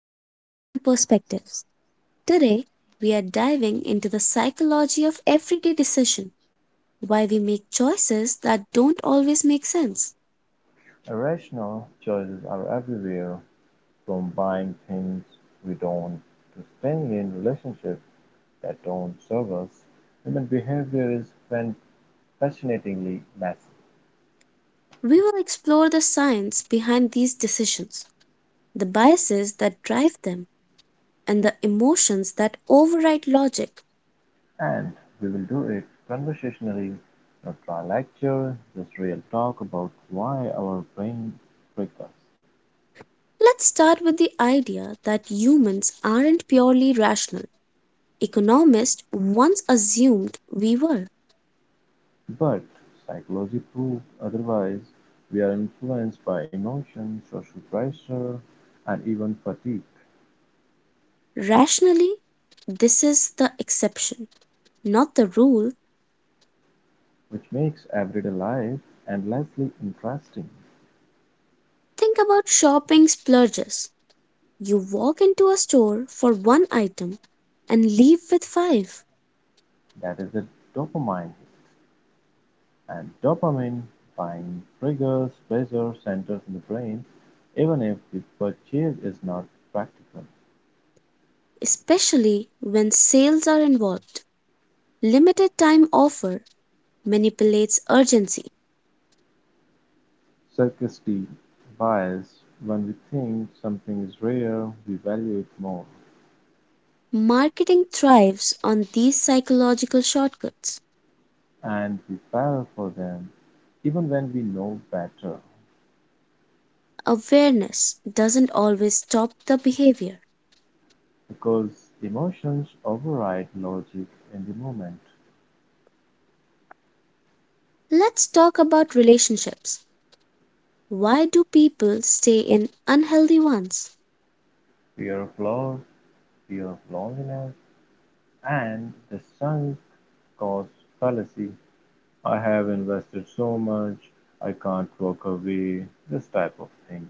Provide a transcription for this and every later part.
Pages and Perspectives. Today, we are diving into the psychology of everyday decision, why we make choices that don't always make sense. Irrational choices are everywhere, from buying things we don't, to staying in relationships that don't serve us. Human behavior is fan- fascinatingly messy, We will explore the science behind these decisions, the biases that drive them, and the emotions that override logic. and we will do it conversationally, not dry lecture, just real talk about why our brain trick us. Let's start with the idea that humans aren't purely rational. Economists once assumed we were. But psychology proves otherwise. We are influenced by emotion, social pressure, and even fatigue, Rationally, this is the exception, not the rule. which makes everyday life endlessly interesting. Think about shopping splurges. You walk into a store for one item and leave with five, That is a dopamine hit. And dopamine buying triggers pleasure centers in the brain, even if the purchase is not practical. especially when sales are involved. Limited time offer manipulates urgency. Scarcity bias, when we think something is rare, we value it more, Marketing thrives on these psychological shortcuts. and we fall for them even when we know better, Awareness doesn't always stop the behavior. because emotions override logic in the moment. Let's talk about relationships. Why do people stay in unhealthy ones? Fear of loss, fear of loneliness, and the sunk cost fallacy, I have invested so much, I can't walk away, this type of thing.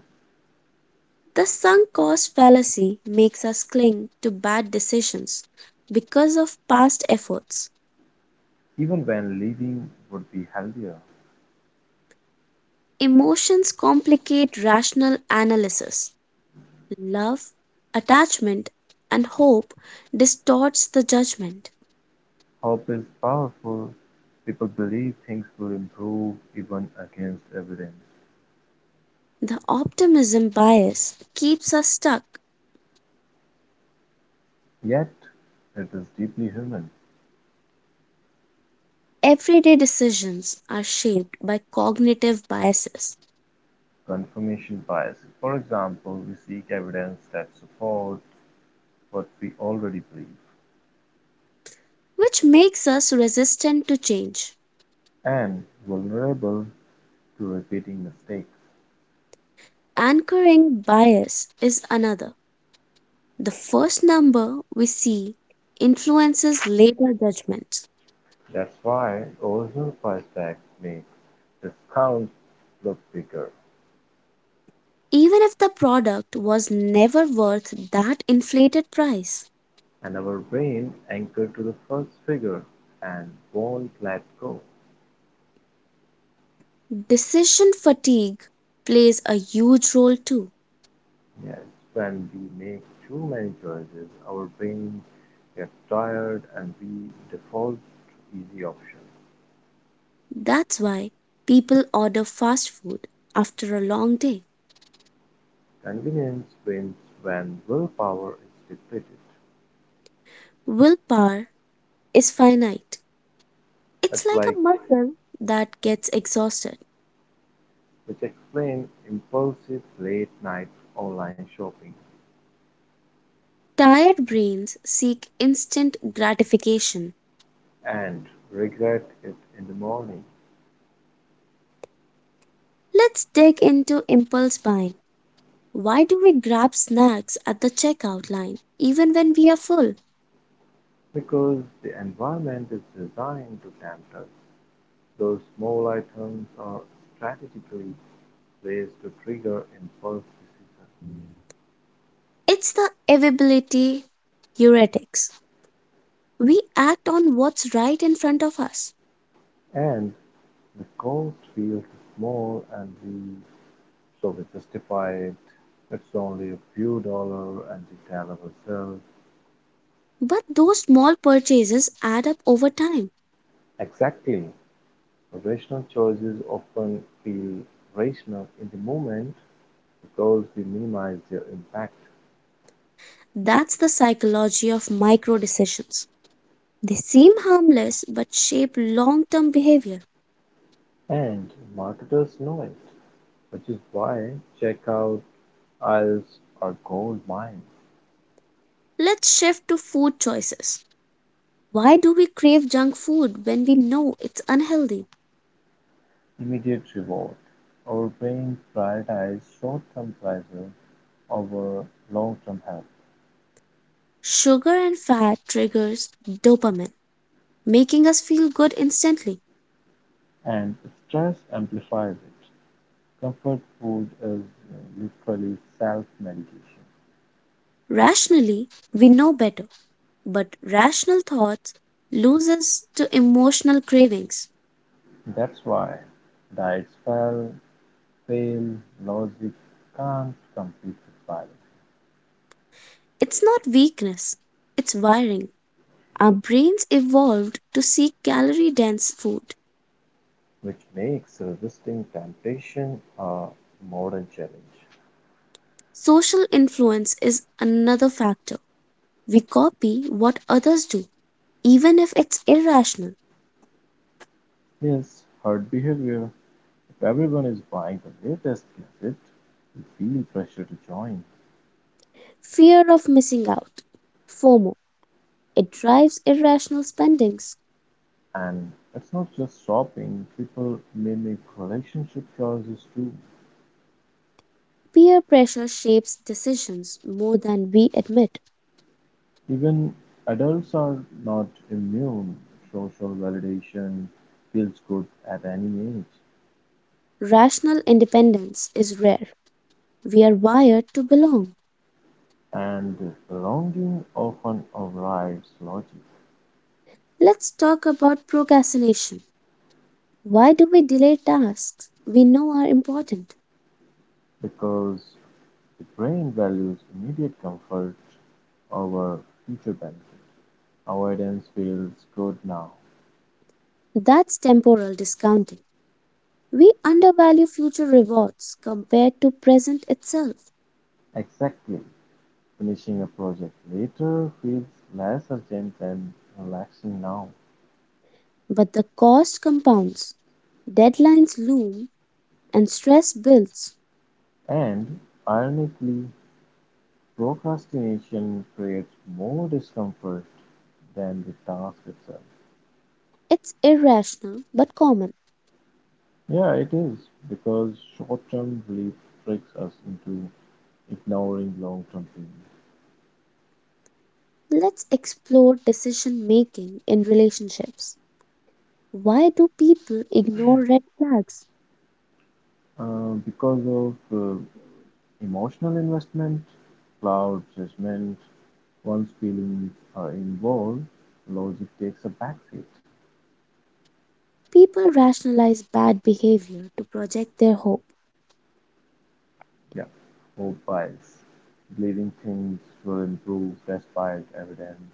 The sunk cost fallacy makes us cling to bad decisions because of past efforts. Even when leaving would be healthier. Emotions complicate rational analysis. Love, attachment, and hope distorts the judgment. Hope is powerful. People believe things will improve even against evidence. The optimism bias keeps us stuck. Yet, it is deeply human. Everyday decisions are shaped by cognitive biases, Confirmation bias. For example, we seek evidence that supports what we already believe, which makes us resistant to change. and vulnerable to repeating mistakes. Anchoring bias is another. The first number we see influences later judgments, That's why original price tags make discounts look bigger, even if the product was never worth that inflated price. and our brain anchored to the first figure and won't let go. Decision fatigue plays a huge role too. Yes, when we make too many choices, our brain gets tired and we default to easy options. That's why people order fast food after a long day. Convenience wins when willpower is depleted. Willpower is finite, it's That's like like a muscle that gets exhausted. which explain impulsive late night online shopping Tired brains seek instant gratification. and regret it in the morning. Let's dig into impulse buying. Why do we grab snacks at the checkout line even when we are full? Because the environment is designed to tempt us, those small items are strategically placed to trigger impulse decision. It's the availability heuristics. We act on what's right in front of us, And the cost feels small and we so we justify it. It's only a few dollar and we tell ourselves. but those small purchases add up over time. Exactly. Rational choices often feel rational in the moment because we minimize their impact. That's the psychology of micro decisions. They seem harmless but shape long term behavior. And marketers know it. Which is why checkout aisles are gold mines. Let's shift to food choices. Why do we crave junk food when we know it's unhealthy? Immediate reward. Our brains prioritize short-term pleasure over long-term health, Sugar and fat triggers dopamine, making us feel good instantly. and stress amplifies it. Comfort food is literally self-medication. Rationally, we know better, but rational thoughts lose us to emotional cravings. That's why diets fail, logic can't compete with biology, It's not weakness, it's wiring. Our brains evolved to seek calorie dense food. which makes resisting temptation a modern challenge. Social influence is another factor. We copy what others do, even if it's irrational. Yes, herd behavior. If everyone is buying the latest gadget, we feel pressure to join. Fear of missing out, FOMO, it drives irrational spendings. And it's not just shopping, people mimic relationship choices too. Peer pressure shapes decisions more than we admit. Even adults are not immune. Social validation feels good at any age, Rational independence is rare. We are wired to belong. and longing often overrides logic Let's talk about procrastination. Why do we delay tasks we know are important? because the brain values immediate comfort over future benefits. Avoidance feels good now. That's temporal discounting. We undervalue future rewards compared to present itself, Exactly. Finishing a project later feels less urgent and relaxing now. but the cost compounds. Deadlines loom and stress builds. And ironically, procrastination creates more discomfort than the task itself. It's irrational but common. Yeah, it is because short term relief tricks us into ignoring long term pain. Let's explore decision making in relationships. Why do people ignore red flags? Because of emotional investment clouds judgment. Once feelings are involved, logic takes a backseat. People rationalize bad behavior to project their hope. Yeah. Hope bias, believing things will improve despite evidence.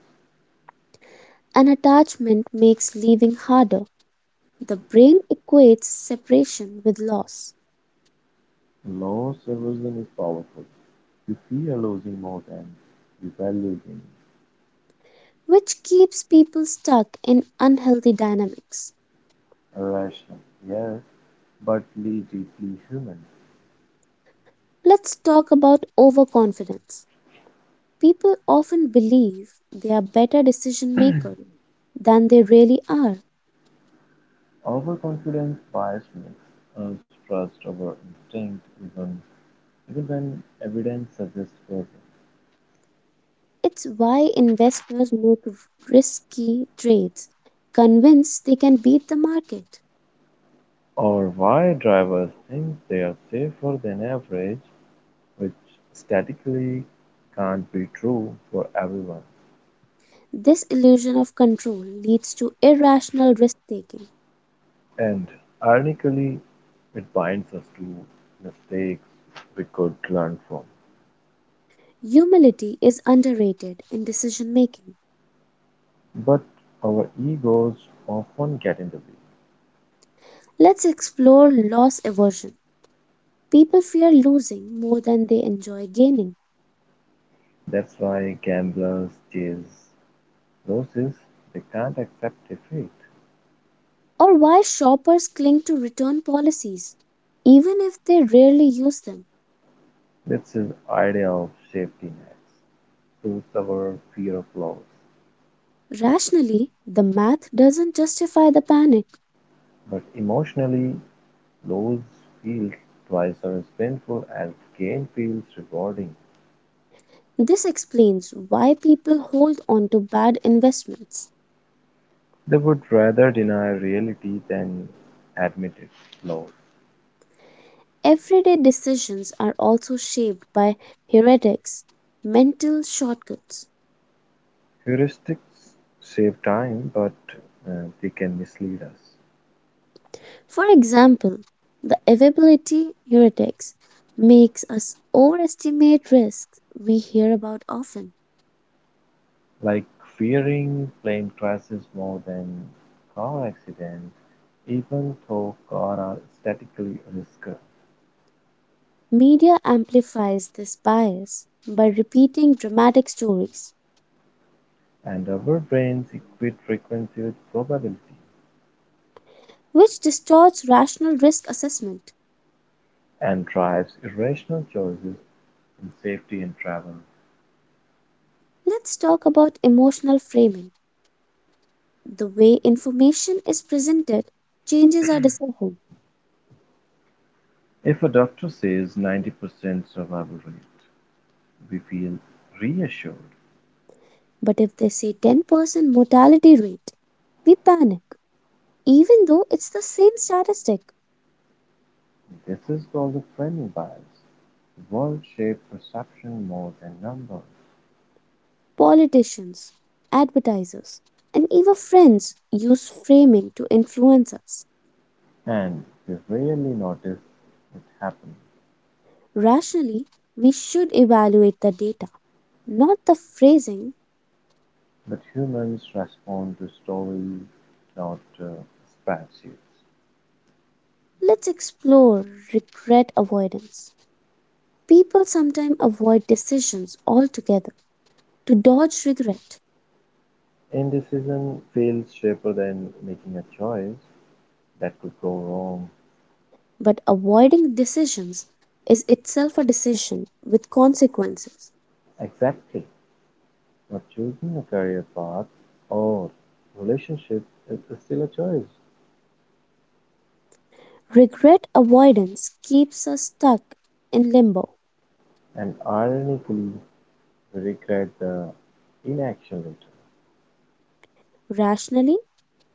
An attachment makes leaving harder. The brain equates separation with loss, Loss aversion is powerful. You fear losing more than you value gain. which keeps people stuck in unhealthy dynamics. Irrational, yes, but deeply human. Let's talk about overconfidence. People often believe they are better decision makers than they really are. Overconfidence bias makes us trust our instinct even when evidence suggests otherwise. It's why investors make risky trades, convinced they can beat the market. Or why drivers think they are safer than average, which statistically can't be true for everyone. This illusion of control leads to irrational risk taking. And ironically, it binds us to mistakes we could learn from. Humility is underrated in decision making. But our egos often get in the way. Let's explore loss aversion. People fear losing more than they enjoy gaining, That's why gamblers chase losses, they can't accept defeat. or why shoppers cling to return policies, even if they rarely use them. That's his idea of safety nets, suits our fear of loss. Rationally, the math doesn't justify the panic. But emotionally, loss feels twice as painful as gain feels rewarding. This explains why people hold on to bad investments. They would rather deny reality than admit its loss. Everyday decisions are also shaped by heuristics, mental shortcuts. Heuristics save time, but they can mislead us. For example, the availability heuristics makes us overestimate risks we hear about often. Like fearing plane crashes more than car accidents, even though cars are statistically riskier. Media amplifies this bias by repeating dramatic stories, And our brains equate frequency with probability, which distorts rational risk assessment. and drives irrational choices in safety and travel. Let's talk about emotional framing. The way information is presented changes our decision. If a doctor says 90% survival rate, we feel reassured. But if they say 10% mortality rate, we panic, even though it's the same statistic. This is called the framing bias. World shape perception more than numbers, Politicians, advertisers, and even friends use framing to influence us. and we rarely notice it happening. Rationally, we should evaluate the data, not the phrasing. But humans respond to stories, not spreadsheets. Let's explore regret avoidance. People sometimes avoid decisions altogether to dodge regret. Indecision feels sharper than making a choice that could go wrong. But avoiding decisions is itself a decision with consequences. Exactly. But choosing a career path or relationship is still a choice, Regret avoidance keeps us stuck in limbo. and ironically, we regret the inaction later. Rationally,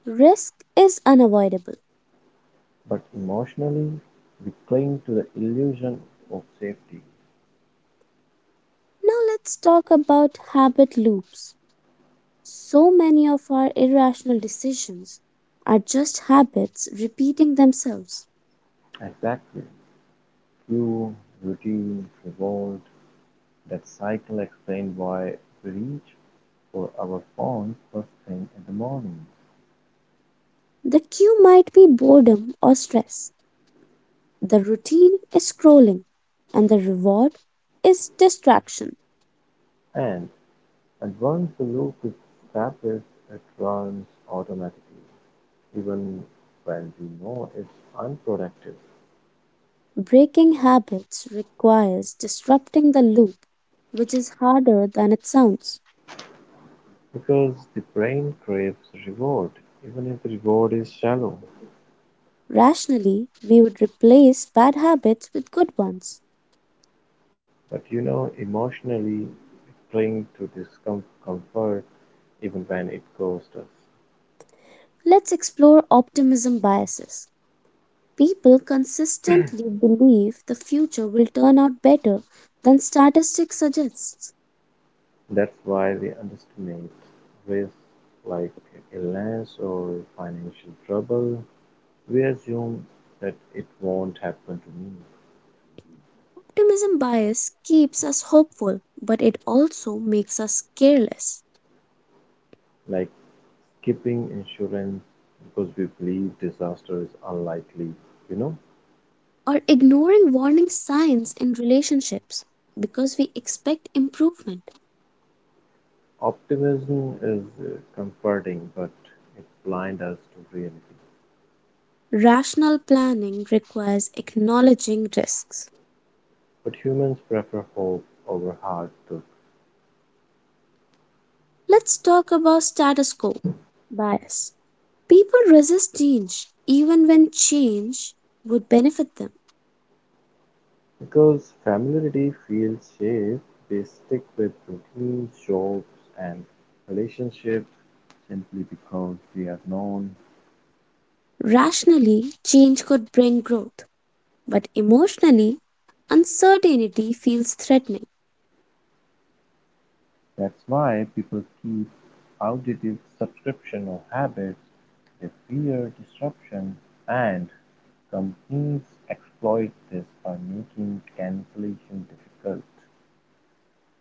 risk is unavoidable. But emotionally, we cling to the illusion of safety. Now let's talk about habit loops. So many of our irrational decisions are just habits repeating themselves. Exactly. Cue, routine, reward, that cycle explains why we reach for our phone first thing in the morning. The cue might be boredom or stress. The routine is scrolling, and the reward is distraction. And, and once the loop is established, it runs automatically, even when we know it's unproductive. Breaking habits requires disrupting the loop, which is harder than it sounds. Because the brain craves reward, even if the reward is shallow. Rationally, we would replace bad habits with good ones. But you know, emotionally, we cling to this comfort even when it costs us. Let's explore optimism biases. People consistently believe the future will turn out better than statistics suggests. That's why we underestimate risks like illness or financial trouble. We assume that it won't happen to me, Optimism bias keeps us hopeful, but it also makes us careless like skipping insurance because we believe disaster is unlikely, you know? or ignoring warning signs in relationships because we expect improvement. Optimism is comforting, but it blinds us to reality. Rational planning requires acknowledging risks. But humans prefer hope over hard truth Let's talk about status quo bias. People resist change even when change would benefit them. because familiarity feels safe. They stick with routine jobs, and relationships simply because they are known. Rationally, change could bring growth, but emotionally, uncertainty feels threatening. That's why people keep outdated subscription or habits. They fear disruption, and companies exploit this by making cancellation difficult.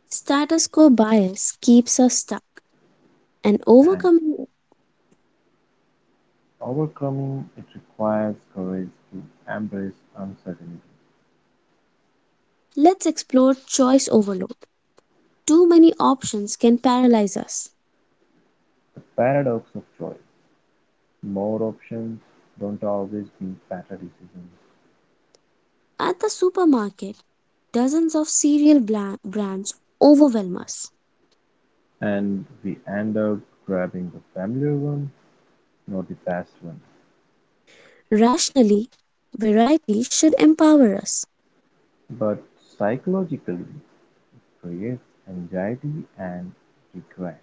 Status quo bias keeps us stuck, and And overcoming it, overcoming it requires courage to embrace uncertainty. let's explore choice overload. Too many options can paralyze us. The paradox of choice. More options don't always mean better decisions. At the supermarket, dozens of cereal brands overwhelm us. And we end up grabbing the familiar one, not the best one. Rationally, variety should empower us. But psychologically it creates anxiety and regret.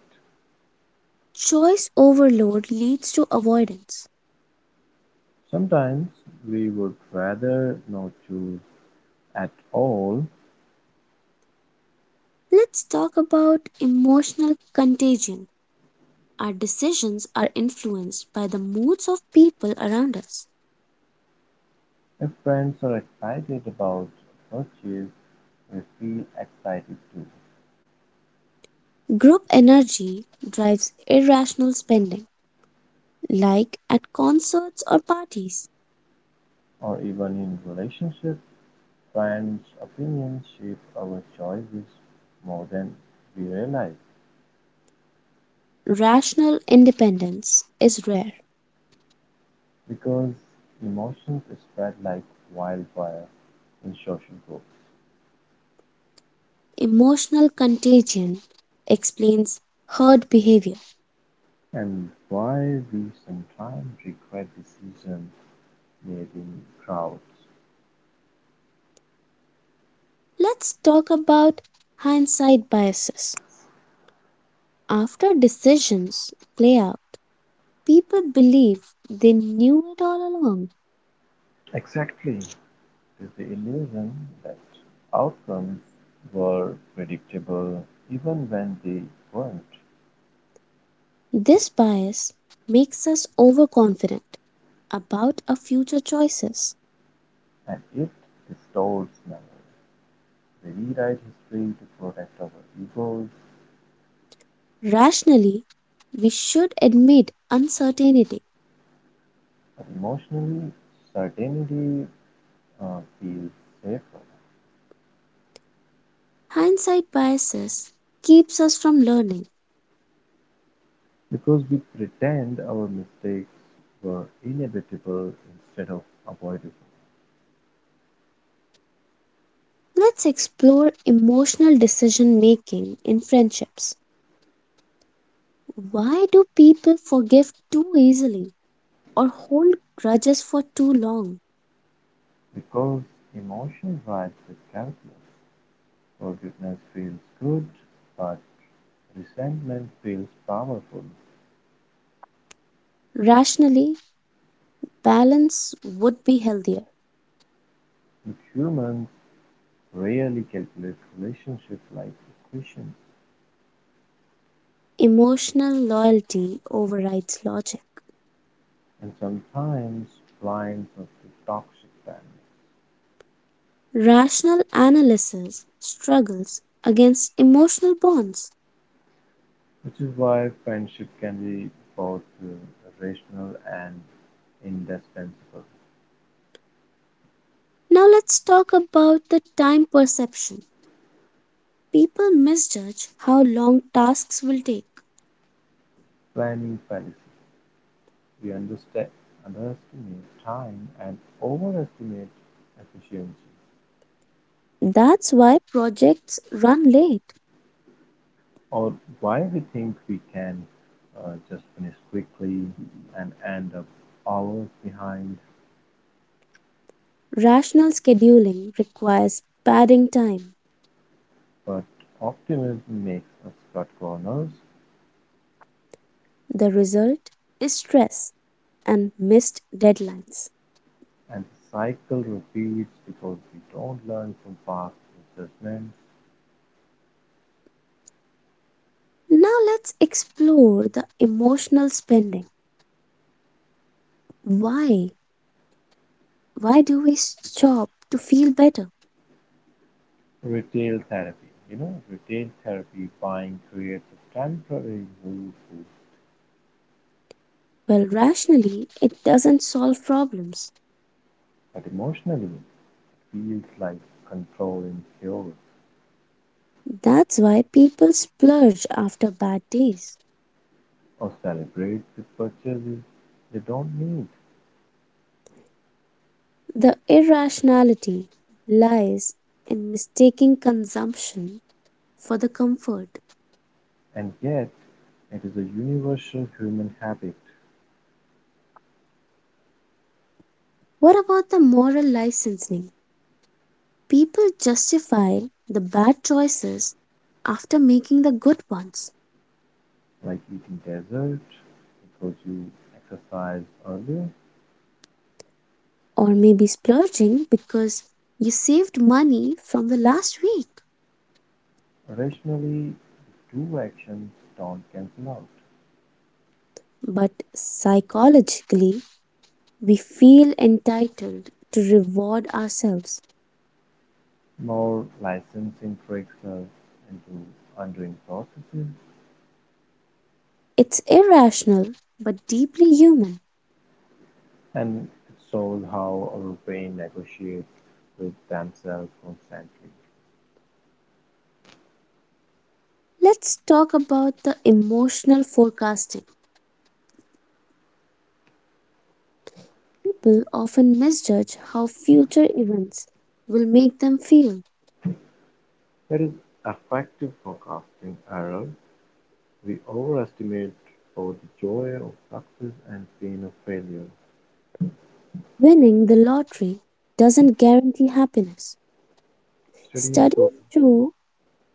Choice overload leads to avoidance. Sometimes we would rather not choose at all. Let's talk about emotional contagion. Our decisions are influenced by the moods of people around us. If friends are excited about a purchase, we feel excited too, Group energy drives irrational spending, like at concerts or parties. or even in relationships, friends' opinions shape our choices more than we realize, Rational independence is rare. because emotions spread like wildfire in social groups. Emotional contagion explains herd behavior. And why we sometimes regret decisions made in crowds. Let's talk about hindsight biases. After decisions play out, people believe they knew it all along. Exactly. There's the illusion that outcomes were predictable even when they weren't. This bias makes us overconfident about our future choices. And it distorts memory. We rewrite history to protect our egos, Rationally, we should admit uncertainty. but emotionally, certainty feels safer Hindsight biases keeps us from learning. because we pretend our mistakes were inevitable instead of avoidable. Let's explore emotional decision making in friendships. Why do people forgive too easily or hold grudges for too long? Because emotion drives the calculus. Forgiveness feels good, but resentment feels powerful. Rationally, balance would be healthier. But humans rarely calculate relationships like equations. Emotional loyalty overrides logic. And sometimes blind of the toxic dynamic, Rational analysis struggles against emotional bonds. which is why friendship can be both rational and indispensable. Now let's talk about the time perception. People misjudge how long tasks will take. Planning fallacy. We underestimate time and overestimate efficiency, That's why projects run late. or why we think we can just finish quickly and end up hours behind. Rational scheduling requires padding time. But optimism makes us cut corners. The result is stress and missed deadlines. And the cycle repeats because we don't learn from past misjudgments. Now let's explore the emotional spending. Why? Why do we shop to feel better? Retail therapy. You know, retail therapy buying creates a temporary mood relief, Well, rationally, it doesn't solve problems. but emotionally it feels like controlling cures That's why people splurge after bad days. or celebrates the purchases they don't need. The irrationality lies in mistaking consumption for the comfort. And yet, it is a universal human habit, What about the moral licensing? People justify the bad choices after making the good ones, like eating dessert because you exercised earlier. or maybe splurging because you saved money from the last week. Rationally, the two actions don't cancel out. But psychologically, we feel entitled to reward ourselves. More licensing tricks us into undoing processes, It's irrational but deeply human. and it shows how our brain negotiates with themselves constantly. Let's talk about the emotional forecasting. People often misjudge how future events will make them feel. That is effective forecasting error. We overestimate both the joy of success and pain of failure. Winning the lottery doesn't guarantee happiness. Studies show, Studies show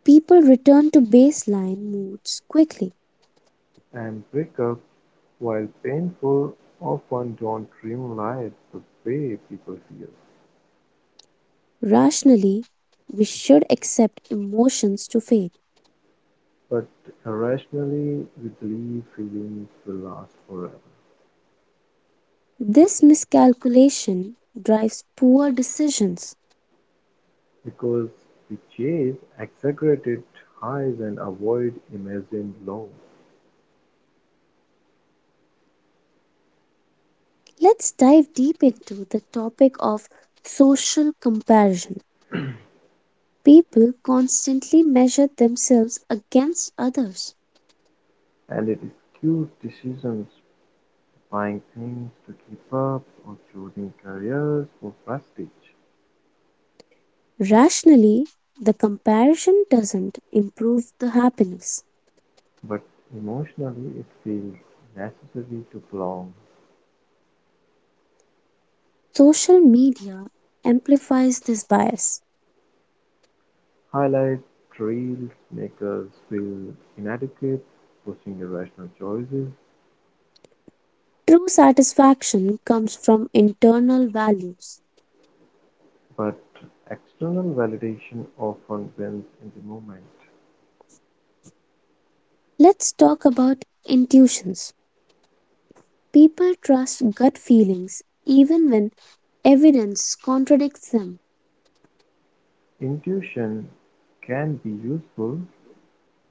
people return to baseline moods quickly. and breakups, while painful, often don't dreamlight the way people feel. Rationally, we should accept emotions to fade. But irrationally, we believe feelings will last forever. This miscalculation drives poor decisions. Because we chase exaggerated highs and avoid imagined lows, Let's dive deep into the topic of social comparison. People constantly measure themselves against others. and it skews decisions, buying things to keep up or choosing careers for prestige. Rationally, the comparison doesn't improve the happiness. But emotionally, it feels necessary to belong. Social media amplifies this bias. Highlight reels make us feel inadequate, pushing irrational choices, True satisfaction comes from internal values. but external validation often wins in the moment. Let's talk about intuitions. People trust gut feelings even when evidence contradicts them. Intuition can be useful,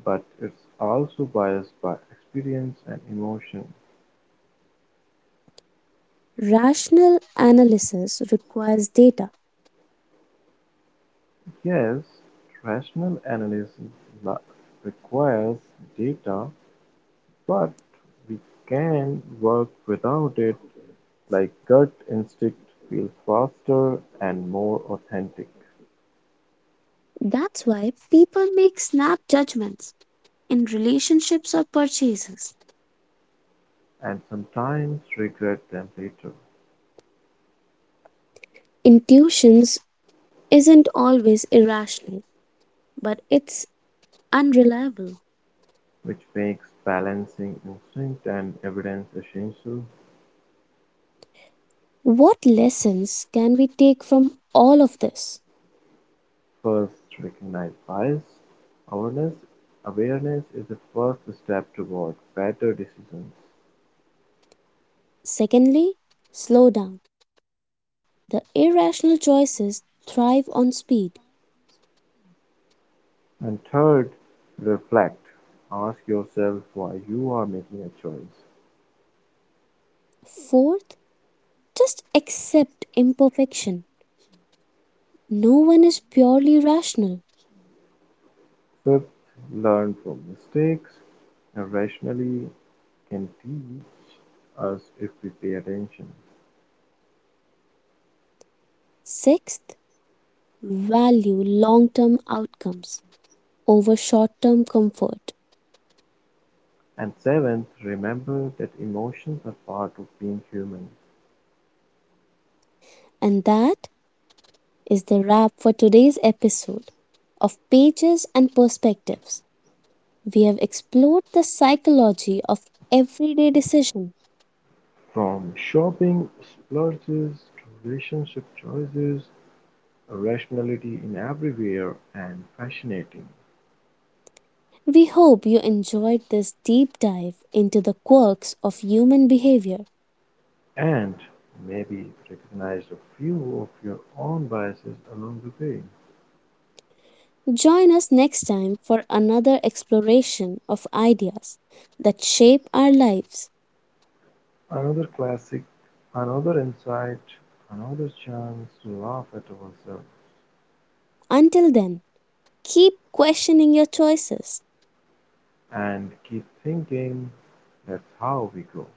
but it's also biased by experience and emotion. Rational analysis requires data. Yes, rational analysis requires data, but we can work without it, like gut instinct feels faster and more authentic, That's why people make snap judgments in relationships or purchases. and sometimes regret them later, Intuitions isn't always irrational, but it's unreliable. which makes balancing instinct and evidence essential. What lessons can we take from all of this? First, recognize bias; awareness awareness is the first step toward better decisions. Secondly, slow down. The irrational choices thrive on speed. And third, reflect. Ask yourself why you are making a choice. Fourth, just accept imperfection. No one is purely rational. Fifth, learn from mistakes. Irrationally can teach us if we pay attention. Sixth, value long term outcomes over short term comfort. And seventh, remember that emotions are part of being human. And that is the wrap for today's episode of Pages and Perspectives. We have explored the psychology of everyday decision. From shopping splurges to relationship choices, a rationality in everywhere and fascinating. We hope you enjoyed this deep dive into the quirks of human behavior. And maybe recognize a few of your own biases along the way. Join us next time for another exploration of ideas that shape our lives. Another classic, another insight, another chance to laugh at ourselves, Until then, keep questioning your choices. and keep thinking that's how we go.